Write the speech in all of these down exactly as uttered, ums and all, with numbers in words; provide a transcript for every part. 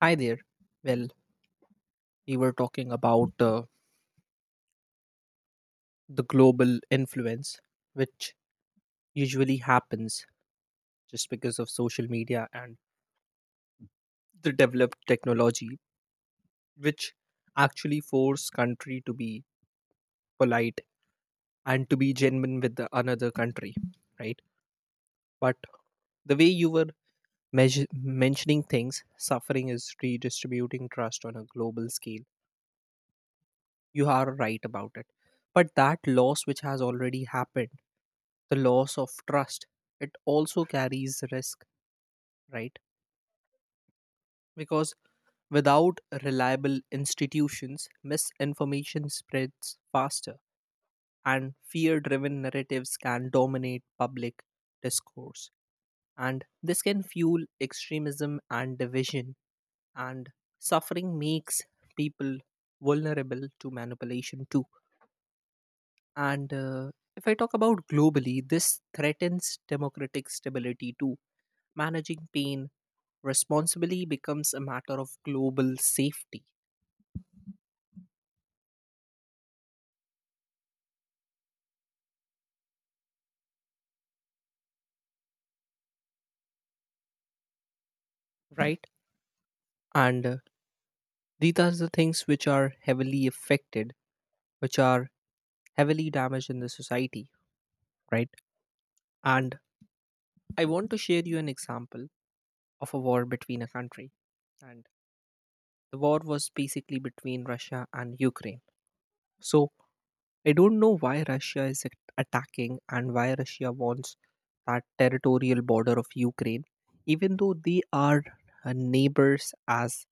Hi there. Well, we were talking about uh, the global influence, which usually happens just because of social media and the developed technology, which actually force country to be polite and to be genuine with the another country, right? But the way you were measure- mentioning things, suffering is redistributing trust on a global scale. You are right about it. But that loss which has already happened, the loss of trust, it also carries risk, right? Because without reliable institutions, misinformation spreads faster and fear driven narratives can dominate public discourse. And this can fuel extremism and division, and suffering makes people vulnerable to manipulation too. And uh, if I talk about globally, this threatens democratic stability too. Managing pain responsibly becomes a matter of global safety, right? And uh, these are the things which are heavily affected, which are heavily damaged in the society, right? And I want to share you an example of a war between a country. And the war was basically between Russia and Ukraine. So I don't know why Russia is at- attacking and why Russia wants that territorial border of Ukraine, even though they are uh, neighbors, as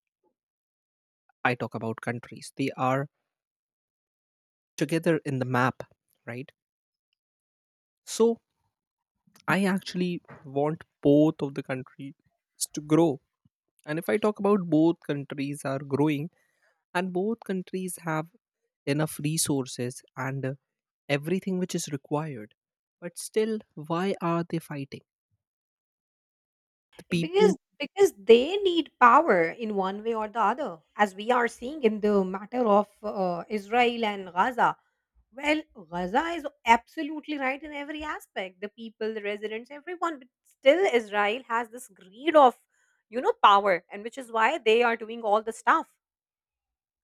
I talk about countries. They are together in the map, right? So I actually want both of the countries to grow. And if I talk about both countries are growing and both countries have enough resources and uh, everything which is required, but still, why are they fighting? The people because because they need power in one way or the other, as we are seeing in the matter of uh, Israel and Gaza. Well, Gaza is absolutely right in every aspect, the people, the residents, everyone, but still Israel has this greed of you know power, and which is why they are doing all the stuff.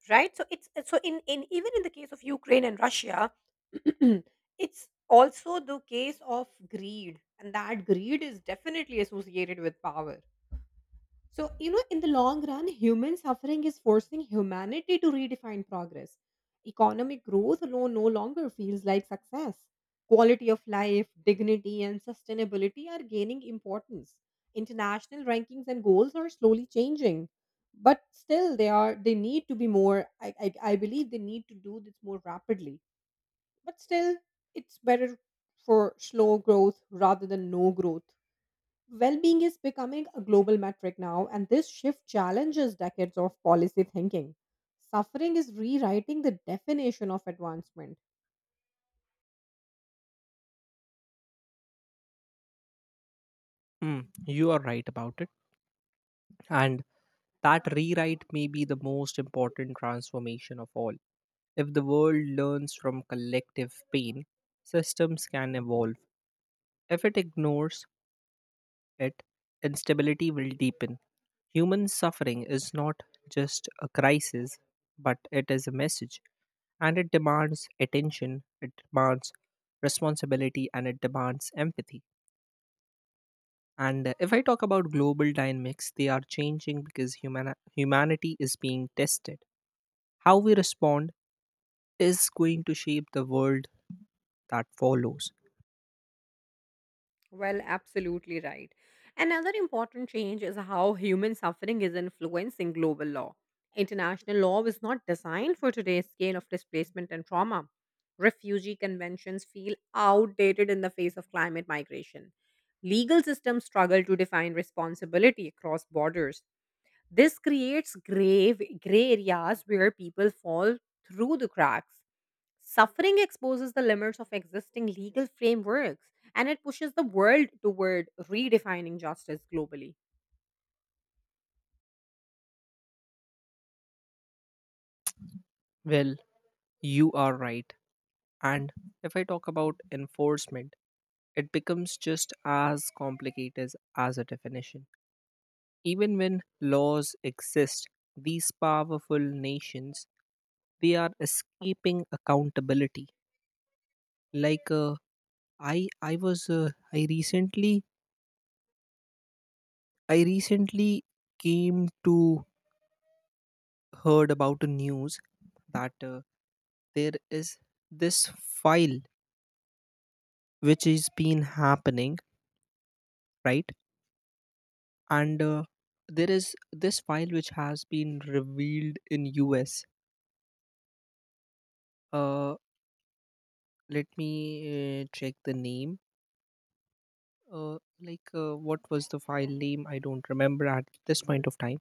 Right, so it's so in, in even in the case of Ukraine and Russia. It's also the case of greed, and that greed is definitely associated with power. So, you know, in the long run, human suffering is forcing humanity to redefine progress. Economic growth alone no longer feels like success. Quality of life, dignity, and sustainability are gaining importance. International rankings and goals are slowly changing. But still, they are they need to be more. I, I, I believe they need to do this more rapidly. But still, it's better for slow growth rather than no growth. Well being is becoming a global metric now, and this shift challenges decades of policy thinking. Suffering is rewriting the definition of advancement. Mm, you are right about it. And that rewrite may be the most important transformation of all. If the world learns from collective pain, systems can evolve. If it ignores it, instability will deepen. Human suffering is not just a crisis, but it is a message. And it demands attention, it demands responsibility, and it demands empathy. And uh, if I talk about global dynamics, they are changing because human- humanity is being tested. How we respond is going to shape the world that follows. Well, absolutely right. Another important change is how human suffering is influencing global law. International law is not designed for today's scale of displacement and trauma. Refugee conventions feel outdated in the face of climate migration. Legal systems struggle to define responsibility across borders. This creates grave gray areas where people fall through the cracks. Suffering exposes the limits of existing legal frameworks and it pushes the world toward redefining justice globally. Well, you are right. And if I talk about enforcement, it becomes just as complicated as a definition. Even when laws exist, these powerful nations they are escaping accountability like uh, i i was uh, i recently I recently came to heard about the news that uh, there is this file which is been happening, right? And uh, there is this file which has been revealed in U S. Uh, let me uh, check the name. Uh, like uh, what was the file name? I don't remember at this point of time.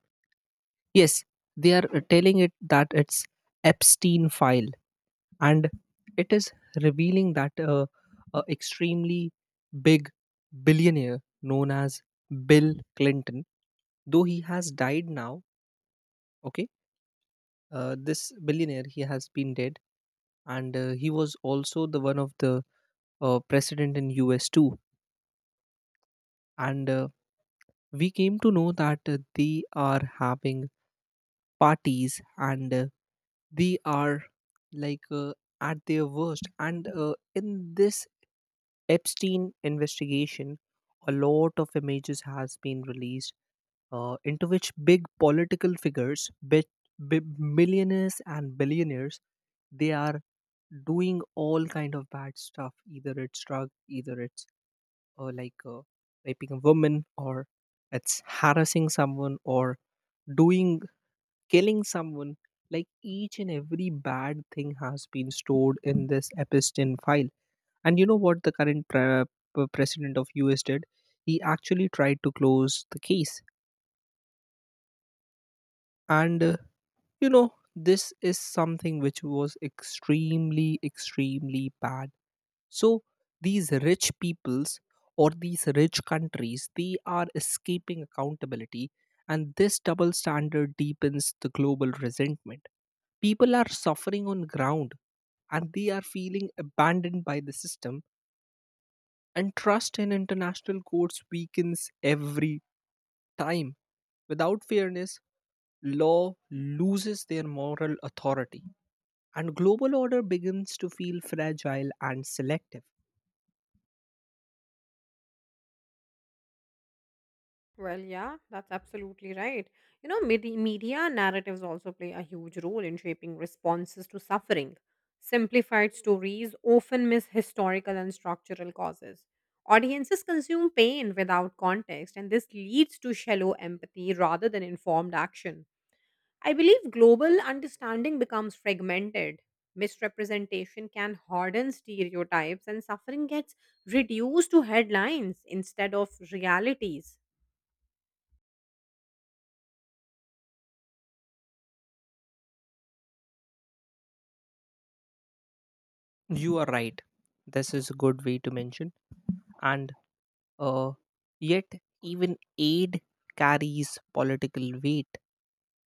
Yes, they are uh, telling it that it's Epstein file. And it is revealing that uh, a extremely big billionaire known as Bill Clinton, though he has died now. Okay. Uh, this billionaire, he has been dead. And uh, he was also the one of the uh, president in US too. And uh, we came to know that uh, they are having parties, and uh, they are like uh, at their worst. And uh, in this Epstein investigation, a lot of images has been released uh, into which big political figures, big, big millionaires and billionaires, they are doing all kind of bad stuff. Either it's drug, either it's uh, like uh, raping a woman, or it's harassing someone, or doing killing someone. Like each and every bad thing has been stored in this Epstein file. And you know what the current pre- p- president of U S did? He actually tried to close the case. And uh, you know, this is something which was extremely, extremely bad. So these rich peoples or these rich countries, they are escaping accountability. And this double standard deepens the global resentment. People are suffering on ground and they are feeling abandoned by the system, and trust in international courts weakens every time. Without fairness, law loses their moral authority, and global order begins to feel fragile and selective. Well, yeah, that's absolutely right. You know, medi- media narratives also play a huge role in shaping responses to suffering. Simplified stories often miss historical and structural causes. Audiences consume pain without context, and this leads to shallow empathy rather than informed action. I believe global understanding becomes fragmented. Misrepresentation can harden stereotypes, and suffering gets reduced to headlines instead of realities. You are right. This is a good way to mention. And Uh, yet, even aid carries political weight,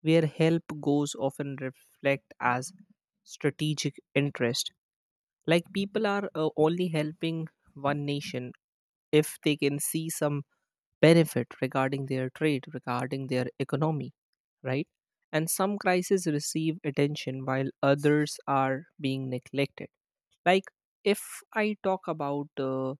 where help goes often reflect as strategic interest. Like people are uh, only helping one nation if they can see some benefit regarding their trade, regarding their economy, right? And some crises receive attention while others are being neglected. Like if I talk about uh,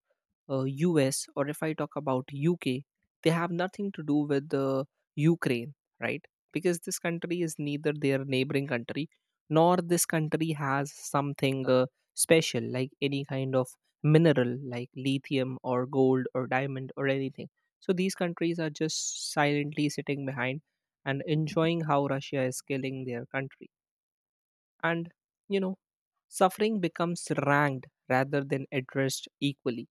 uh, U S or if I talk about U K, they have nothing to do with uh, Ukraine, right? Because this country is neither their neighboring country nor this country has something uh, special like any kind of mineral like lithium or gold or diamond or anything. So these countries are just silently sitting behind and enjoying how Russia is killing their country. And, you know, suffering becomes ranked rather than addressed equally,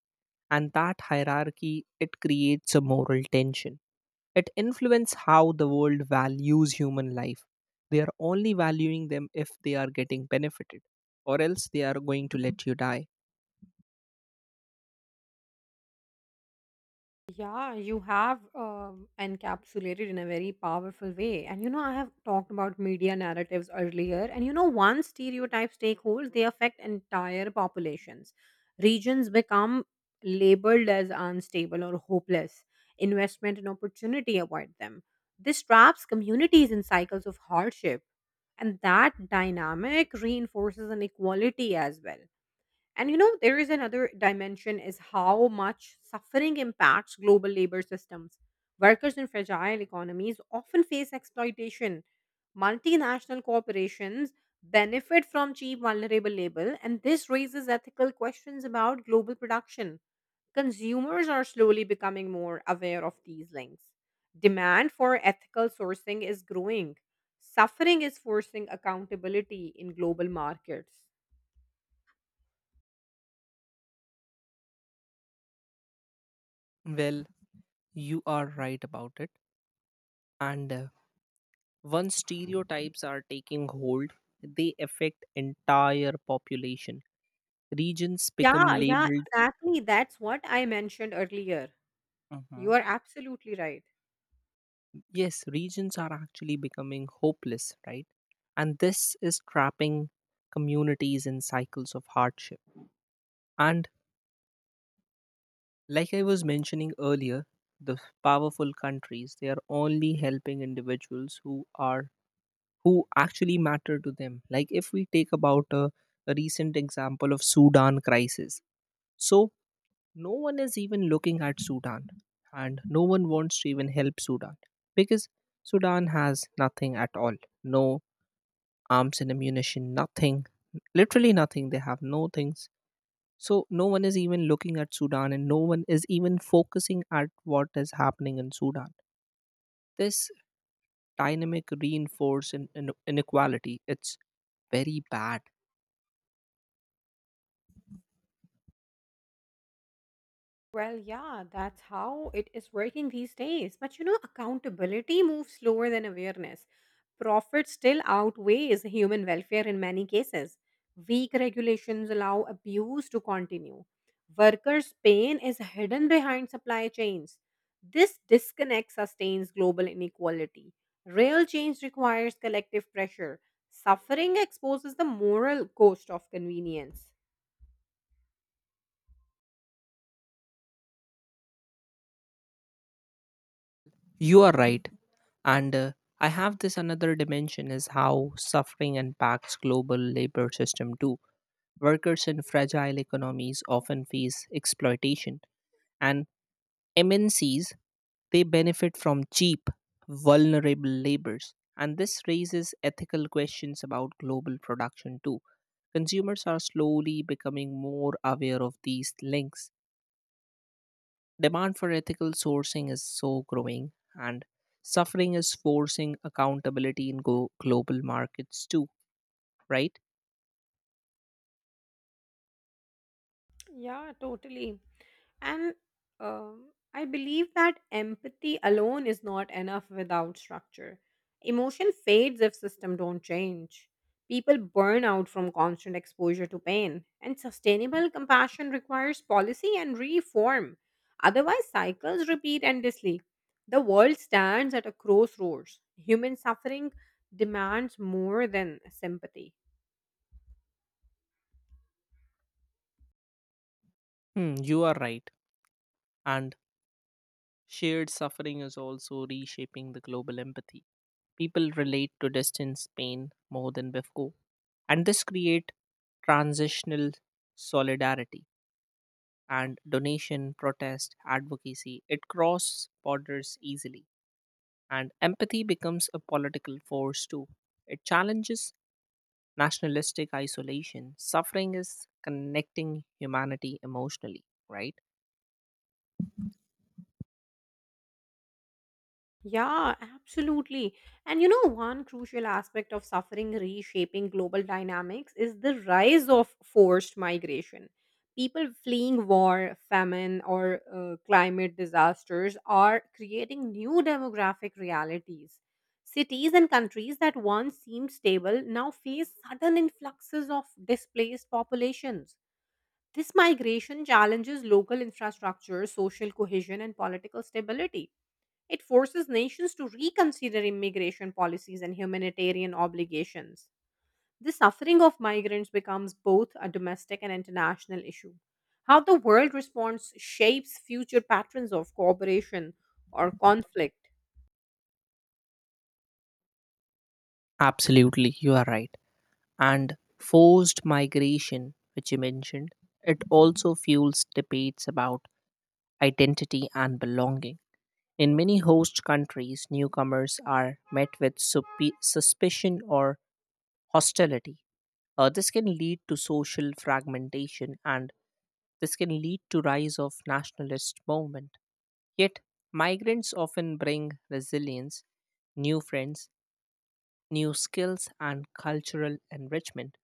and that hierarchy, it creates a moral tension. It influences how the world values human life. They are only valuing them if they are getting benefited, or else they are going to let you die. Yeah, you have um, encapsulated in a very powerful way. And you know, I have talked about media narratives earlier. And you know, once stereotypes take hold, they affect entire populations. Regions become labeled as unstable or hopeless. Investment and opportunity avoid them. This traps communities in cycles of hardship. And that dynamic reinforces inequality as well. And you know, there is another dimension is how much suffering impacts global labor systems. Workers in fragile economies often face exploitation. Multinational corporations benefit from cheap, vulnerable labor, and this raises ethical questions about global production. Consumers are slowly becoming more aware of these links. Demand for ethical sourcing is growing. Suffering is forcing accountability in global markets. Well, you are right about it. And uh, once stereotypes are taking hold, they affect entire population. Regions become Yeah, yeah, labeled. exactly. That's what I mentioned earlier. Mm-hmm. You are absolutely right. Yes, regions are actually becoming hopeless, right? And this is trapping communities in cycles of hardship. And like I was mentioning earlier, the powerful countries, they are only helping individuals who are who actually matter to them. Like if we take about a, a recent example of Sudan crisis. So no one is even looking at Sudan, and no one wants to even help Sudan because Sudan has nothing at all, no arms and ammunition, nothing, literally nothing. They have no things. So, no one is even looking at Sudan, and no one is even focusing at what is happening in Sudan. This dynamic reinforced in, in- inequality. It's very bad. Well, yeah, that's how it is working these days. But you know, accountability moves slower than awareness. Profit still outweighs human welfare in many cases. Weak regulations allow abuse to continue. Workers' pain is hidden behind supply chains. This disconnect sustains global inequality. Real change requires collective pressure. Suffering exposes the moral cost of convenience. You are right. And uh, I have this another dimension is how suffering impacts global labor system too. Workers in fragile economies often face exploitation, and M N Cs they benefit from cheap, vulnerable labors. And this raises ethical questions about global production too. Consumers are slowly becoming more aware of these links. Demand for ethical sourcing is so growing, and suffering is forcing accountability in go- global markets too, right? Yeah, totally. And um, I believe that empathy alone is not enough without structure. Emotion fades if system don't change. People burn out from constant exposure to pain, and sustainable compassion requires policy and reform. Otherwise, cycles repeat endlessly. The world stands at a crossroads. Human suffering demands more than sympathy. Hmm, you are right. And shared suffering is also reshaping the global empathy. People relate to distance pain more than before, and this creates transitional solidarity and donation, protest, advocacy. It crosses borders easily, and empathy becomes a political force too. It challenges nationalistic isolation. Suffering is connecting humanity emotionally, right? Yeah, absolutely. And you know, one crucial aspect of suffering reshaping global dynamics is the rise of forced migration. People fleeing war, famine, or uh, climate disasters are creating new demographic realities. Cities and countries that once seemed stable now face sudden influxes of displaced populations. This migration challenges local infrastructure, social cohesion, and political stability. It forces nations to reconsider immigration policies and humanitarian obligations. The suffering of migrants becomes both a domestic and international issue. How the world responds shapes future patterns of cooperation or conflict. Absolutely, you are right. And forced migration, which you mentioned, it also fuels debates about identity and belonging. In many host countries, newcomers are met with supe- suspicion or hostility. Uh, this can lead to social fragmentation, and this can lead to rise of nationalist movement. Yet, migrants often bring resilience, new friends, new skills and cultural enrichment.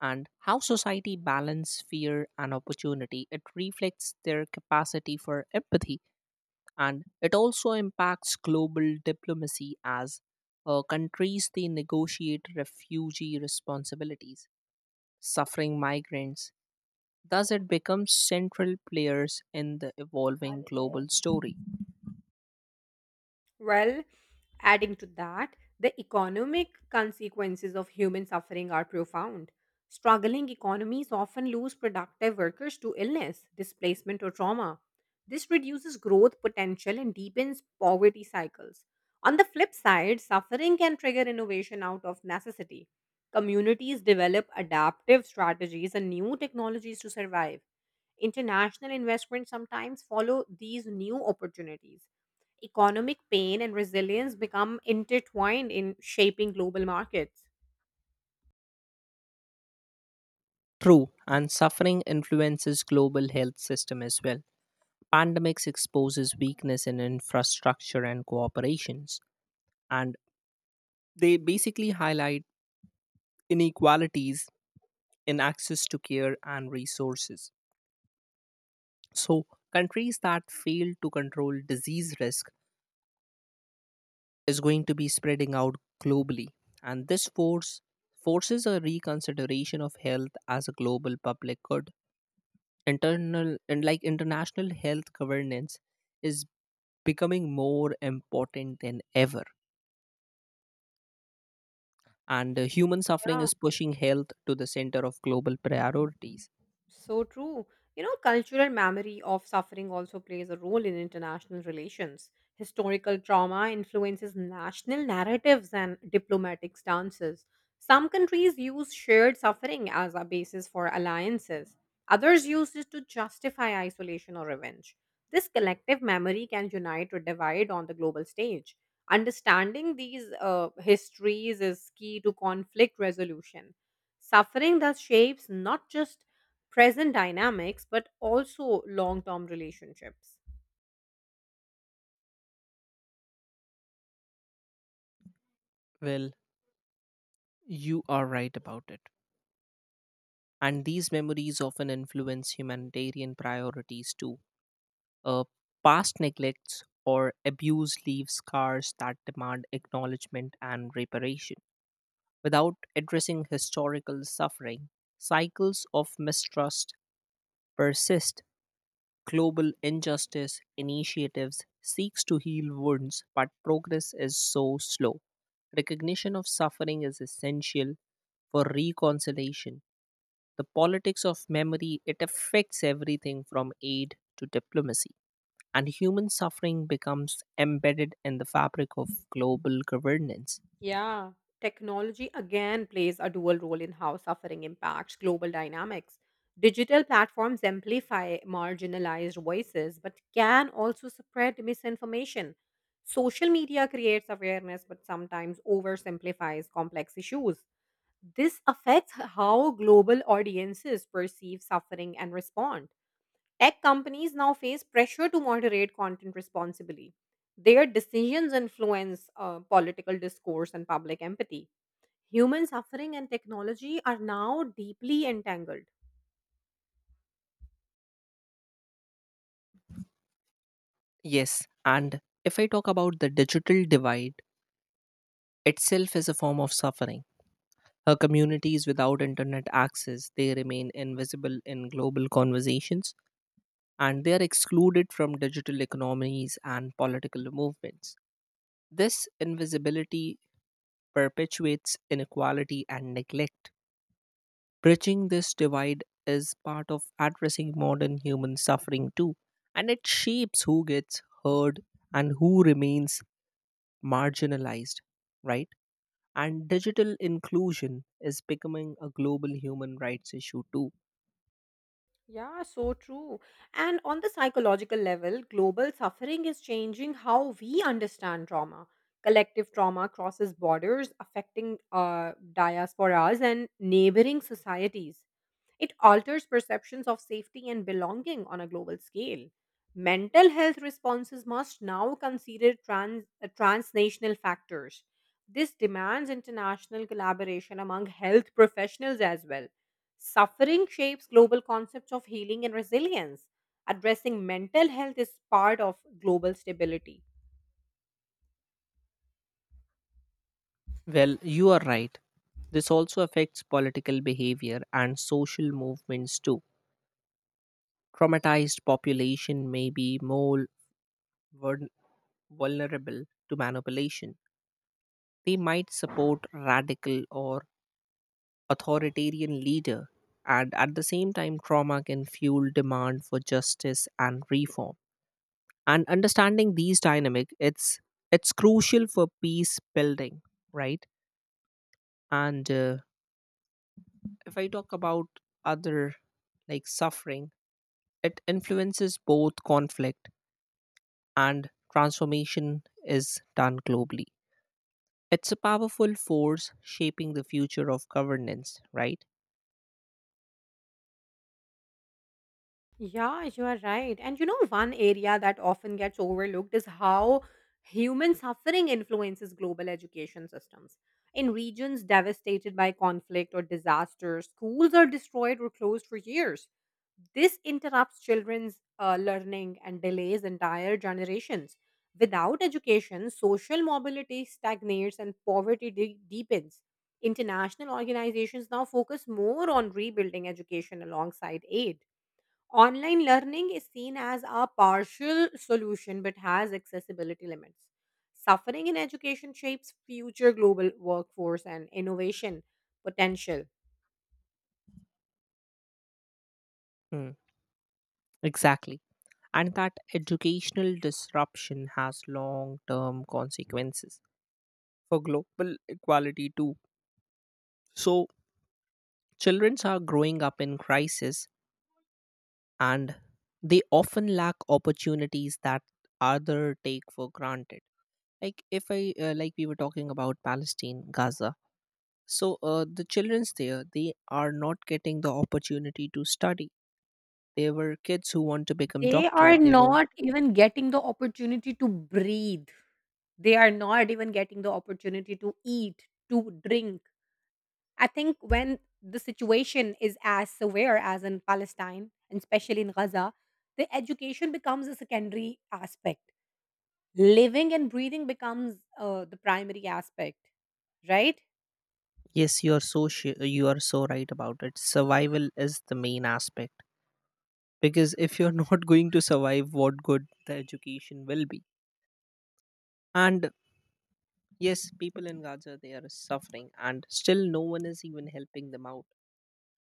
And how society balance fear and opportunity, it reflects their capacity for empathy. And it also impacts global diplomacy, as uh, countries they negotiate refugee responsibilities. Suffering migrants, thus it becomes central players in the evolving global story. Well, adding to that, the economic consequences of human suffering are profound. Struggling economies often lose productive workers to illness, displacement, or trauma. This reduces growth potential and deepens poverty cycles. On the flip side, suffering can trigger innovation out of necessity. Communities develop adaptive strategies and new technologies to survive. International investments sometimes follow these new opportunities. Economic pain and resilience become intertwined in shaping global markets. True. And suffering influences global health system as well. Pandemics exposes weakness in infrastructure and cooperations, and they basically highlight inequalities in access to care and resources. So, countries that fail to control disease risk is going to be spreading out globally, and this force forces a reconsideration of health as a global public good. Internal and like international health governance is becoming more important than ever, and uh, human suffering Yeah. is pushing health to the center of global priorities. So true. You know, cultural memory of suffering also plays a role in international relations. Historical trauma influences national narratives and diplomatic stances. Some countries use shared suffering as a basis for alliances, others use it to justify isolation or revenge. This collective memory can unite or divide on the global stage. Understanding these uh, histories is key to conflict resolution. Suffering thus shapes not just present dynamics, but also long term relationships. Well, you are right about it. And these memories often influence humanitarian priorities too. Uh, Past neglects or abuse leave scars that demand acknowledgement and reparation. Without addressing historical suffering, cycles of mistrust persist. Global injustice initiatives seeks to heal wounds, but progress is so slow. Recognition of suffering is essential for reconciliation. The politics of memory, it affects everything from aid to diplomacy, and human suffering becomes embedded in the fabric of global governance. Yeah. Technology again plays a dual role in how suffering impacts global dynamics. Digital platforms amplify marginalized voices, but can also spread misinformation. Social media creates awareness, but sometimes oversimplifies complex issues. This affects how global audiences perceive suffering and respond. Tech companies now face pressure to moderate content responsibly. Their decisions influence uh, political discourse and public empathy. Human suffering and technology are now deeply entangled. Yes, and if I talk about the digital divide, itself is a form of suffering. Her communities without internet access, they remain invisible in global conversations, and they are excluded from digital economies and political movements. This invisibility perpetuates inequality and neglect. Bridging this divide is part of addressing modern human suffering too, and it shapes who gets heard and who remains marginalized, right? And digital inclusion is becoming a global human rights issue too. Yeah, so true. And on the psychological level, global suffering is changing how we understand trauma. Collective trauma crosses borders, affecting uh, diasporas and neighboring societies. It alters perceptions of safety and belonging on a global scale. Mental health responses must now consider trans, uh, transnational factors. This demands international collaboration among health professionals as well. Suffering shapes global concepts of healing and resilience. Addressing mental health is part of global stability. Well, you are right. This also affects political behavior and social movements too. Traumatized population may be more vul- vulnerable to manipulation. They might support radical or authoritarian leader, and at the same time trauma can fuel demand for justice and reform. And understanding these dynamic, it's it's crucial for peace building, right? And uh, if I talk about other like suffering. It influences both conflict and transformation is done globally. It's a powerful force shaping the future of governance, right? Yeah, you are right. And you know, one area that often gets overlooked is how human suffering influences global education systems. In regions devastated by conflict or disaster, schools are destroyed or closed for years. This interrupts children's uh, learning and delays entire generations. Without education, social mobility stagnates and poverty de- deepens. International organizations now focus more on rebuilding education alongside aid. Online learning is seen as a partial solution but has accessibility limits. Suffering in education shapes future global workforce and innovation potential. Hmm, exactly. And that educational disruption has long term consequences for global equality, too. So, children are growing up in crisis, and they often lack opportunities that other take for granted. Like if i uh, like we were talking about Palestine Gaza. So uh, the childrens there, they are not getting the opportunity to study. There were kids who want to become They doctor. are They were. not even getting the opportunity to breathe. They are not even getting the opportunity to eat, to drink. I think when the situation is as severe as in Palestine, and especially in Gaza, the education becomes a secondary aspect. Living and breathing becomes uh, the primary aspect, right? Yes, you are so sh- you are so right about it. Survival is the main aspect because if you're not going to survive, what good the education will be? And yes, people in Gaza they are suffering, and still no one is even helping them out.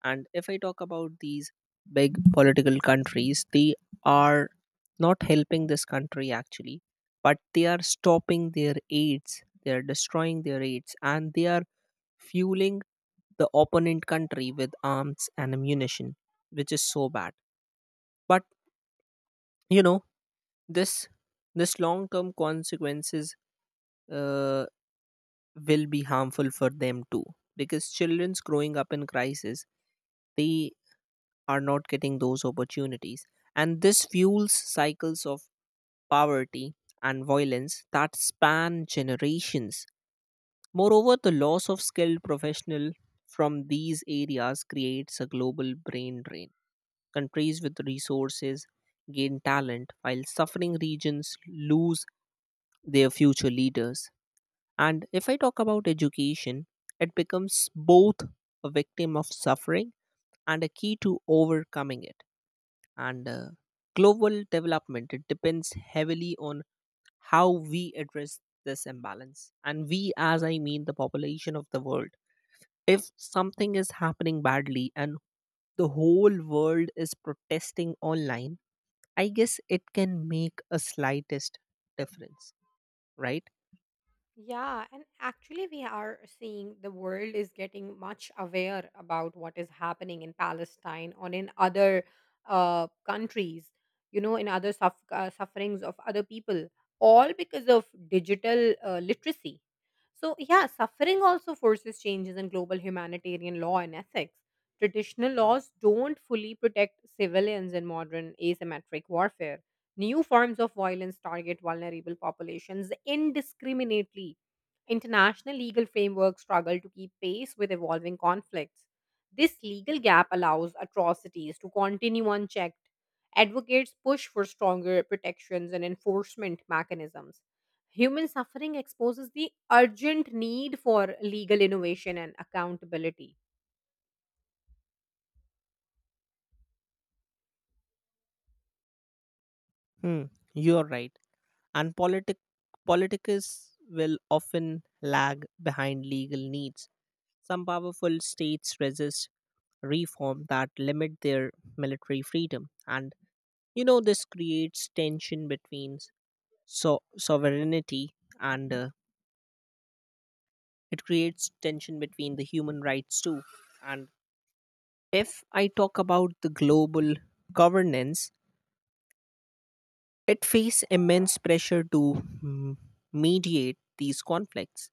And if I talk about these big political countries, they are not helping this country actually, but they are stopping their aids, they are destroying their aids, and they are fueling the opponent country with arms and ammunition, which is so bad. But you know, this this long term consequences uh, will be harmful for them too, because children's growing up in crisis, they are not getting those opportunities. And this fuels cycles of poverty and violence that span generations. Moreover, the loss of skilled professional from these areas creates a global brain drain. Countries with resources gain talent, while suffering regions lose their future leaders. And if I talk about education, it becomes both a victim of suffering and a key to overcoming it. And uh, global development, it depends heavily on how we address this imbalance. And we, as I mean, the population of the world, if something is happening badly and the whole world is protesting online, I guess it can make a slightest difference, right? Yeah, and actually, we are seeing the world is getting much aware about what is happening in Palestine or in other uh, countries, you know, in other suff- uh, sufferings of other people, all because of digital uh, literacy. So, yeah, suffering also forces changes in global humanitarian law and ethics. Traditional laws don't fully protect civilians in modern asymmetric warfare. New forms of violence target vulnerable populations indiscriminately. International legal frameworks struggle to keep pace with evolving conflicts. This legal gap allows atrocities to continue unchecked. Advocates push for stronger protections and enforcement mechanisms. Human suffering exposes the urgent need for legal innovation and accountability. Hmm, you are right. And politic politicus will often lag behind legal needs. Some powerful states resist reform that limit their military freedom. And you know, this creates tension between so- sovereignty, and uh, it creates tension between the human rights too. And if I talk about the global governance, it face immense pressure to mm, mediate these conflicts.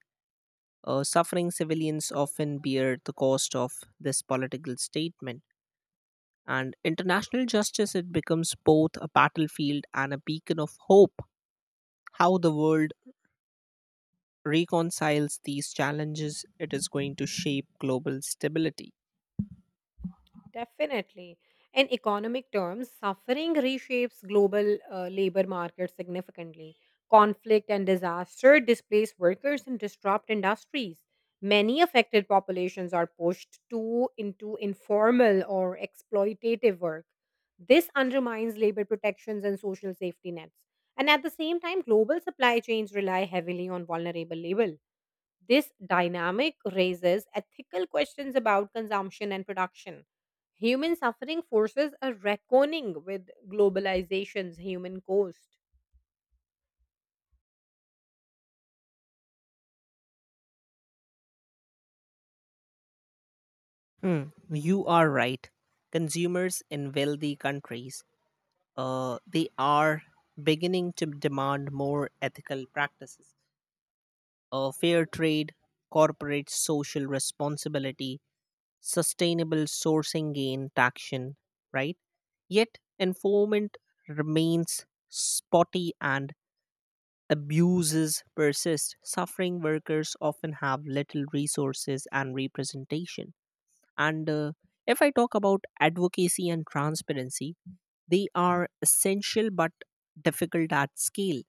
Uh, suffering civilians often bear the cost of this political statement. And international justice, it becomes both a battlefield and a beacon of hope. How the world reconciles these challenges, it is going to shape global stability. Definitely. In economic terms, suffering reshapes global uh, labor markets significantly. Conflict and disaster displace workers and disrupt industries. Many affected populations are pushed to into informal or exploitative work. This undermines labor protections and social safety nets. And at the same time, global supply chains rely heavily on vulnerable labor. This dynamic raises ethical questions about consumption and production. Human suffering forces a reckoning with globalization's human cost. Hmm, you are right. Consumers in wealthy countries, uh, they are beginning to demand more ethical practices, uh, fair trade, corporate social responsibility, sustainable sourcing gain traction, right? Yet enforcement remains spotty and abuses persist. Suffering workers often have little resources and representation. And uh, if I talk about advocacy and transparency, they are essential but difficult at scale.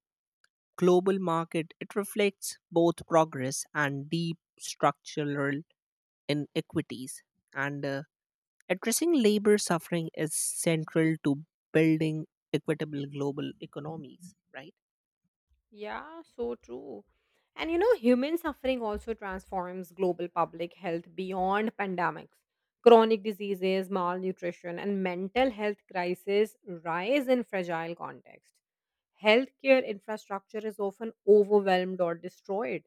Global market, it reflects both progress and deep structural inequities. And uh, Addressing labor suffering is central to building equitable global economies, right? Yeah, so true. And you know, human suffering also transforms global public health beyond pandemics. Chronic diseases, malnutrition, and mental health crises rise in fragile contexts. Healthcare infrastructure is often overwhelmed or destroyed.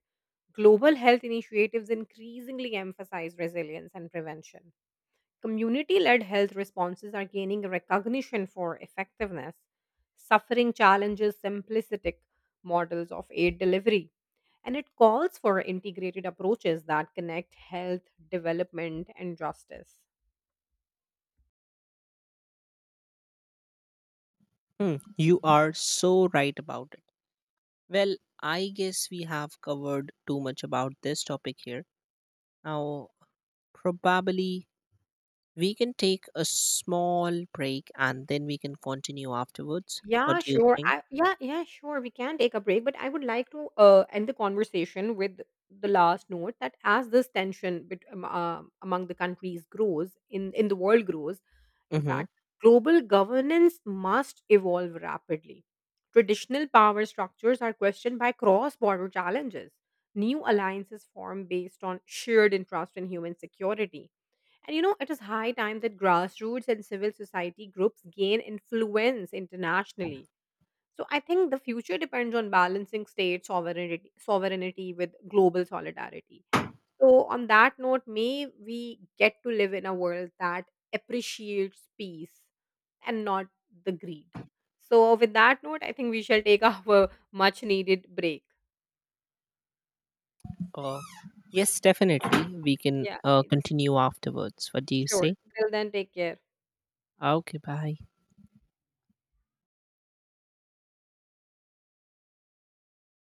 Global health initiatives increasingly emphasize resilience and prevention. Community led health responses are gaining recognition for effectiveness. Suffering challenges simplistic models of aid delivery. And it calls for integrated approaches that connect health, development, and justice. Hmm, you are so right about it. Well, I guess we have covered too much about this topic here. Now, probably we can take a small break and then we can continue afterwards. What Yeah, do you sure. think? I, yeah, yeah, sure. We can take a break, but I would like to uh, end the conversation with the last note that as this tension bet- um, uh, among the countries grows in in the world grows, in Mm-hmm. fact, global governance must evolve rapidly. Traditional power structures are questioned by cross-border challenges. New alliances form based on shared interest in human security. And you know, it is high time that grassroots and civil society groups gain influence internationally. So I think the future depends on balancing state sovereignty, sovereignty with global solidarity. So, on that note, may we get to live in a world that appreciates peace and not the greed. So, with that note, I think we shall take our much needed break. Uh, yes, definitely. We can Yeah, uh, continue afterwards. What do you sure. say? Till then, take care. Okay, bye.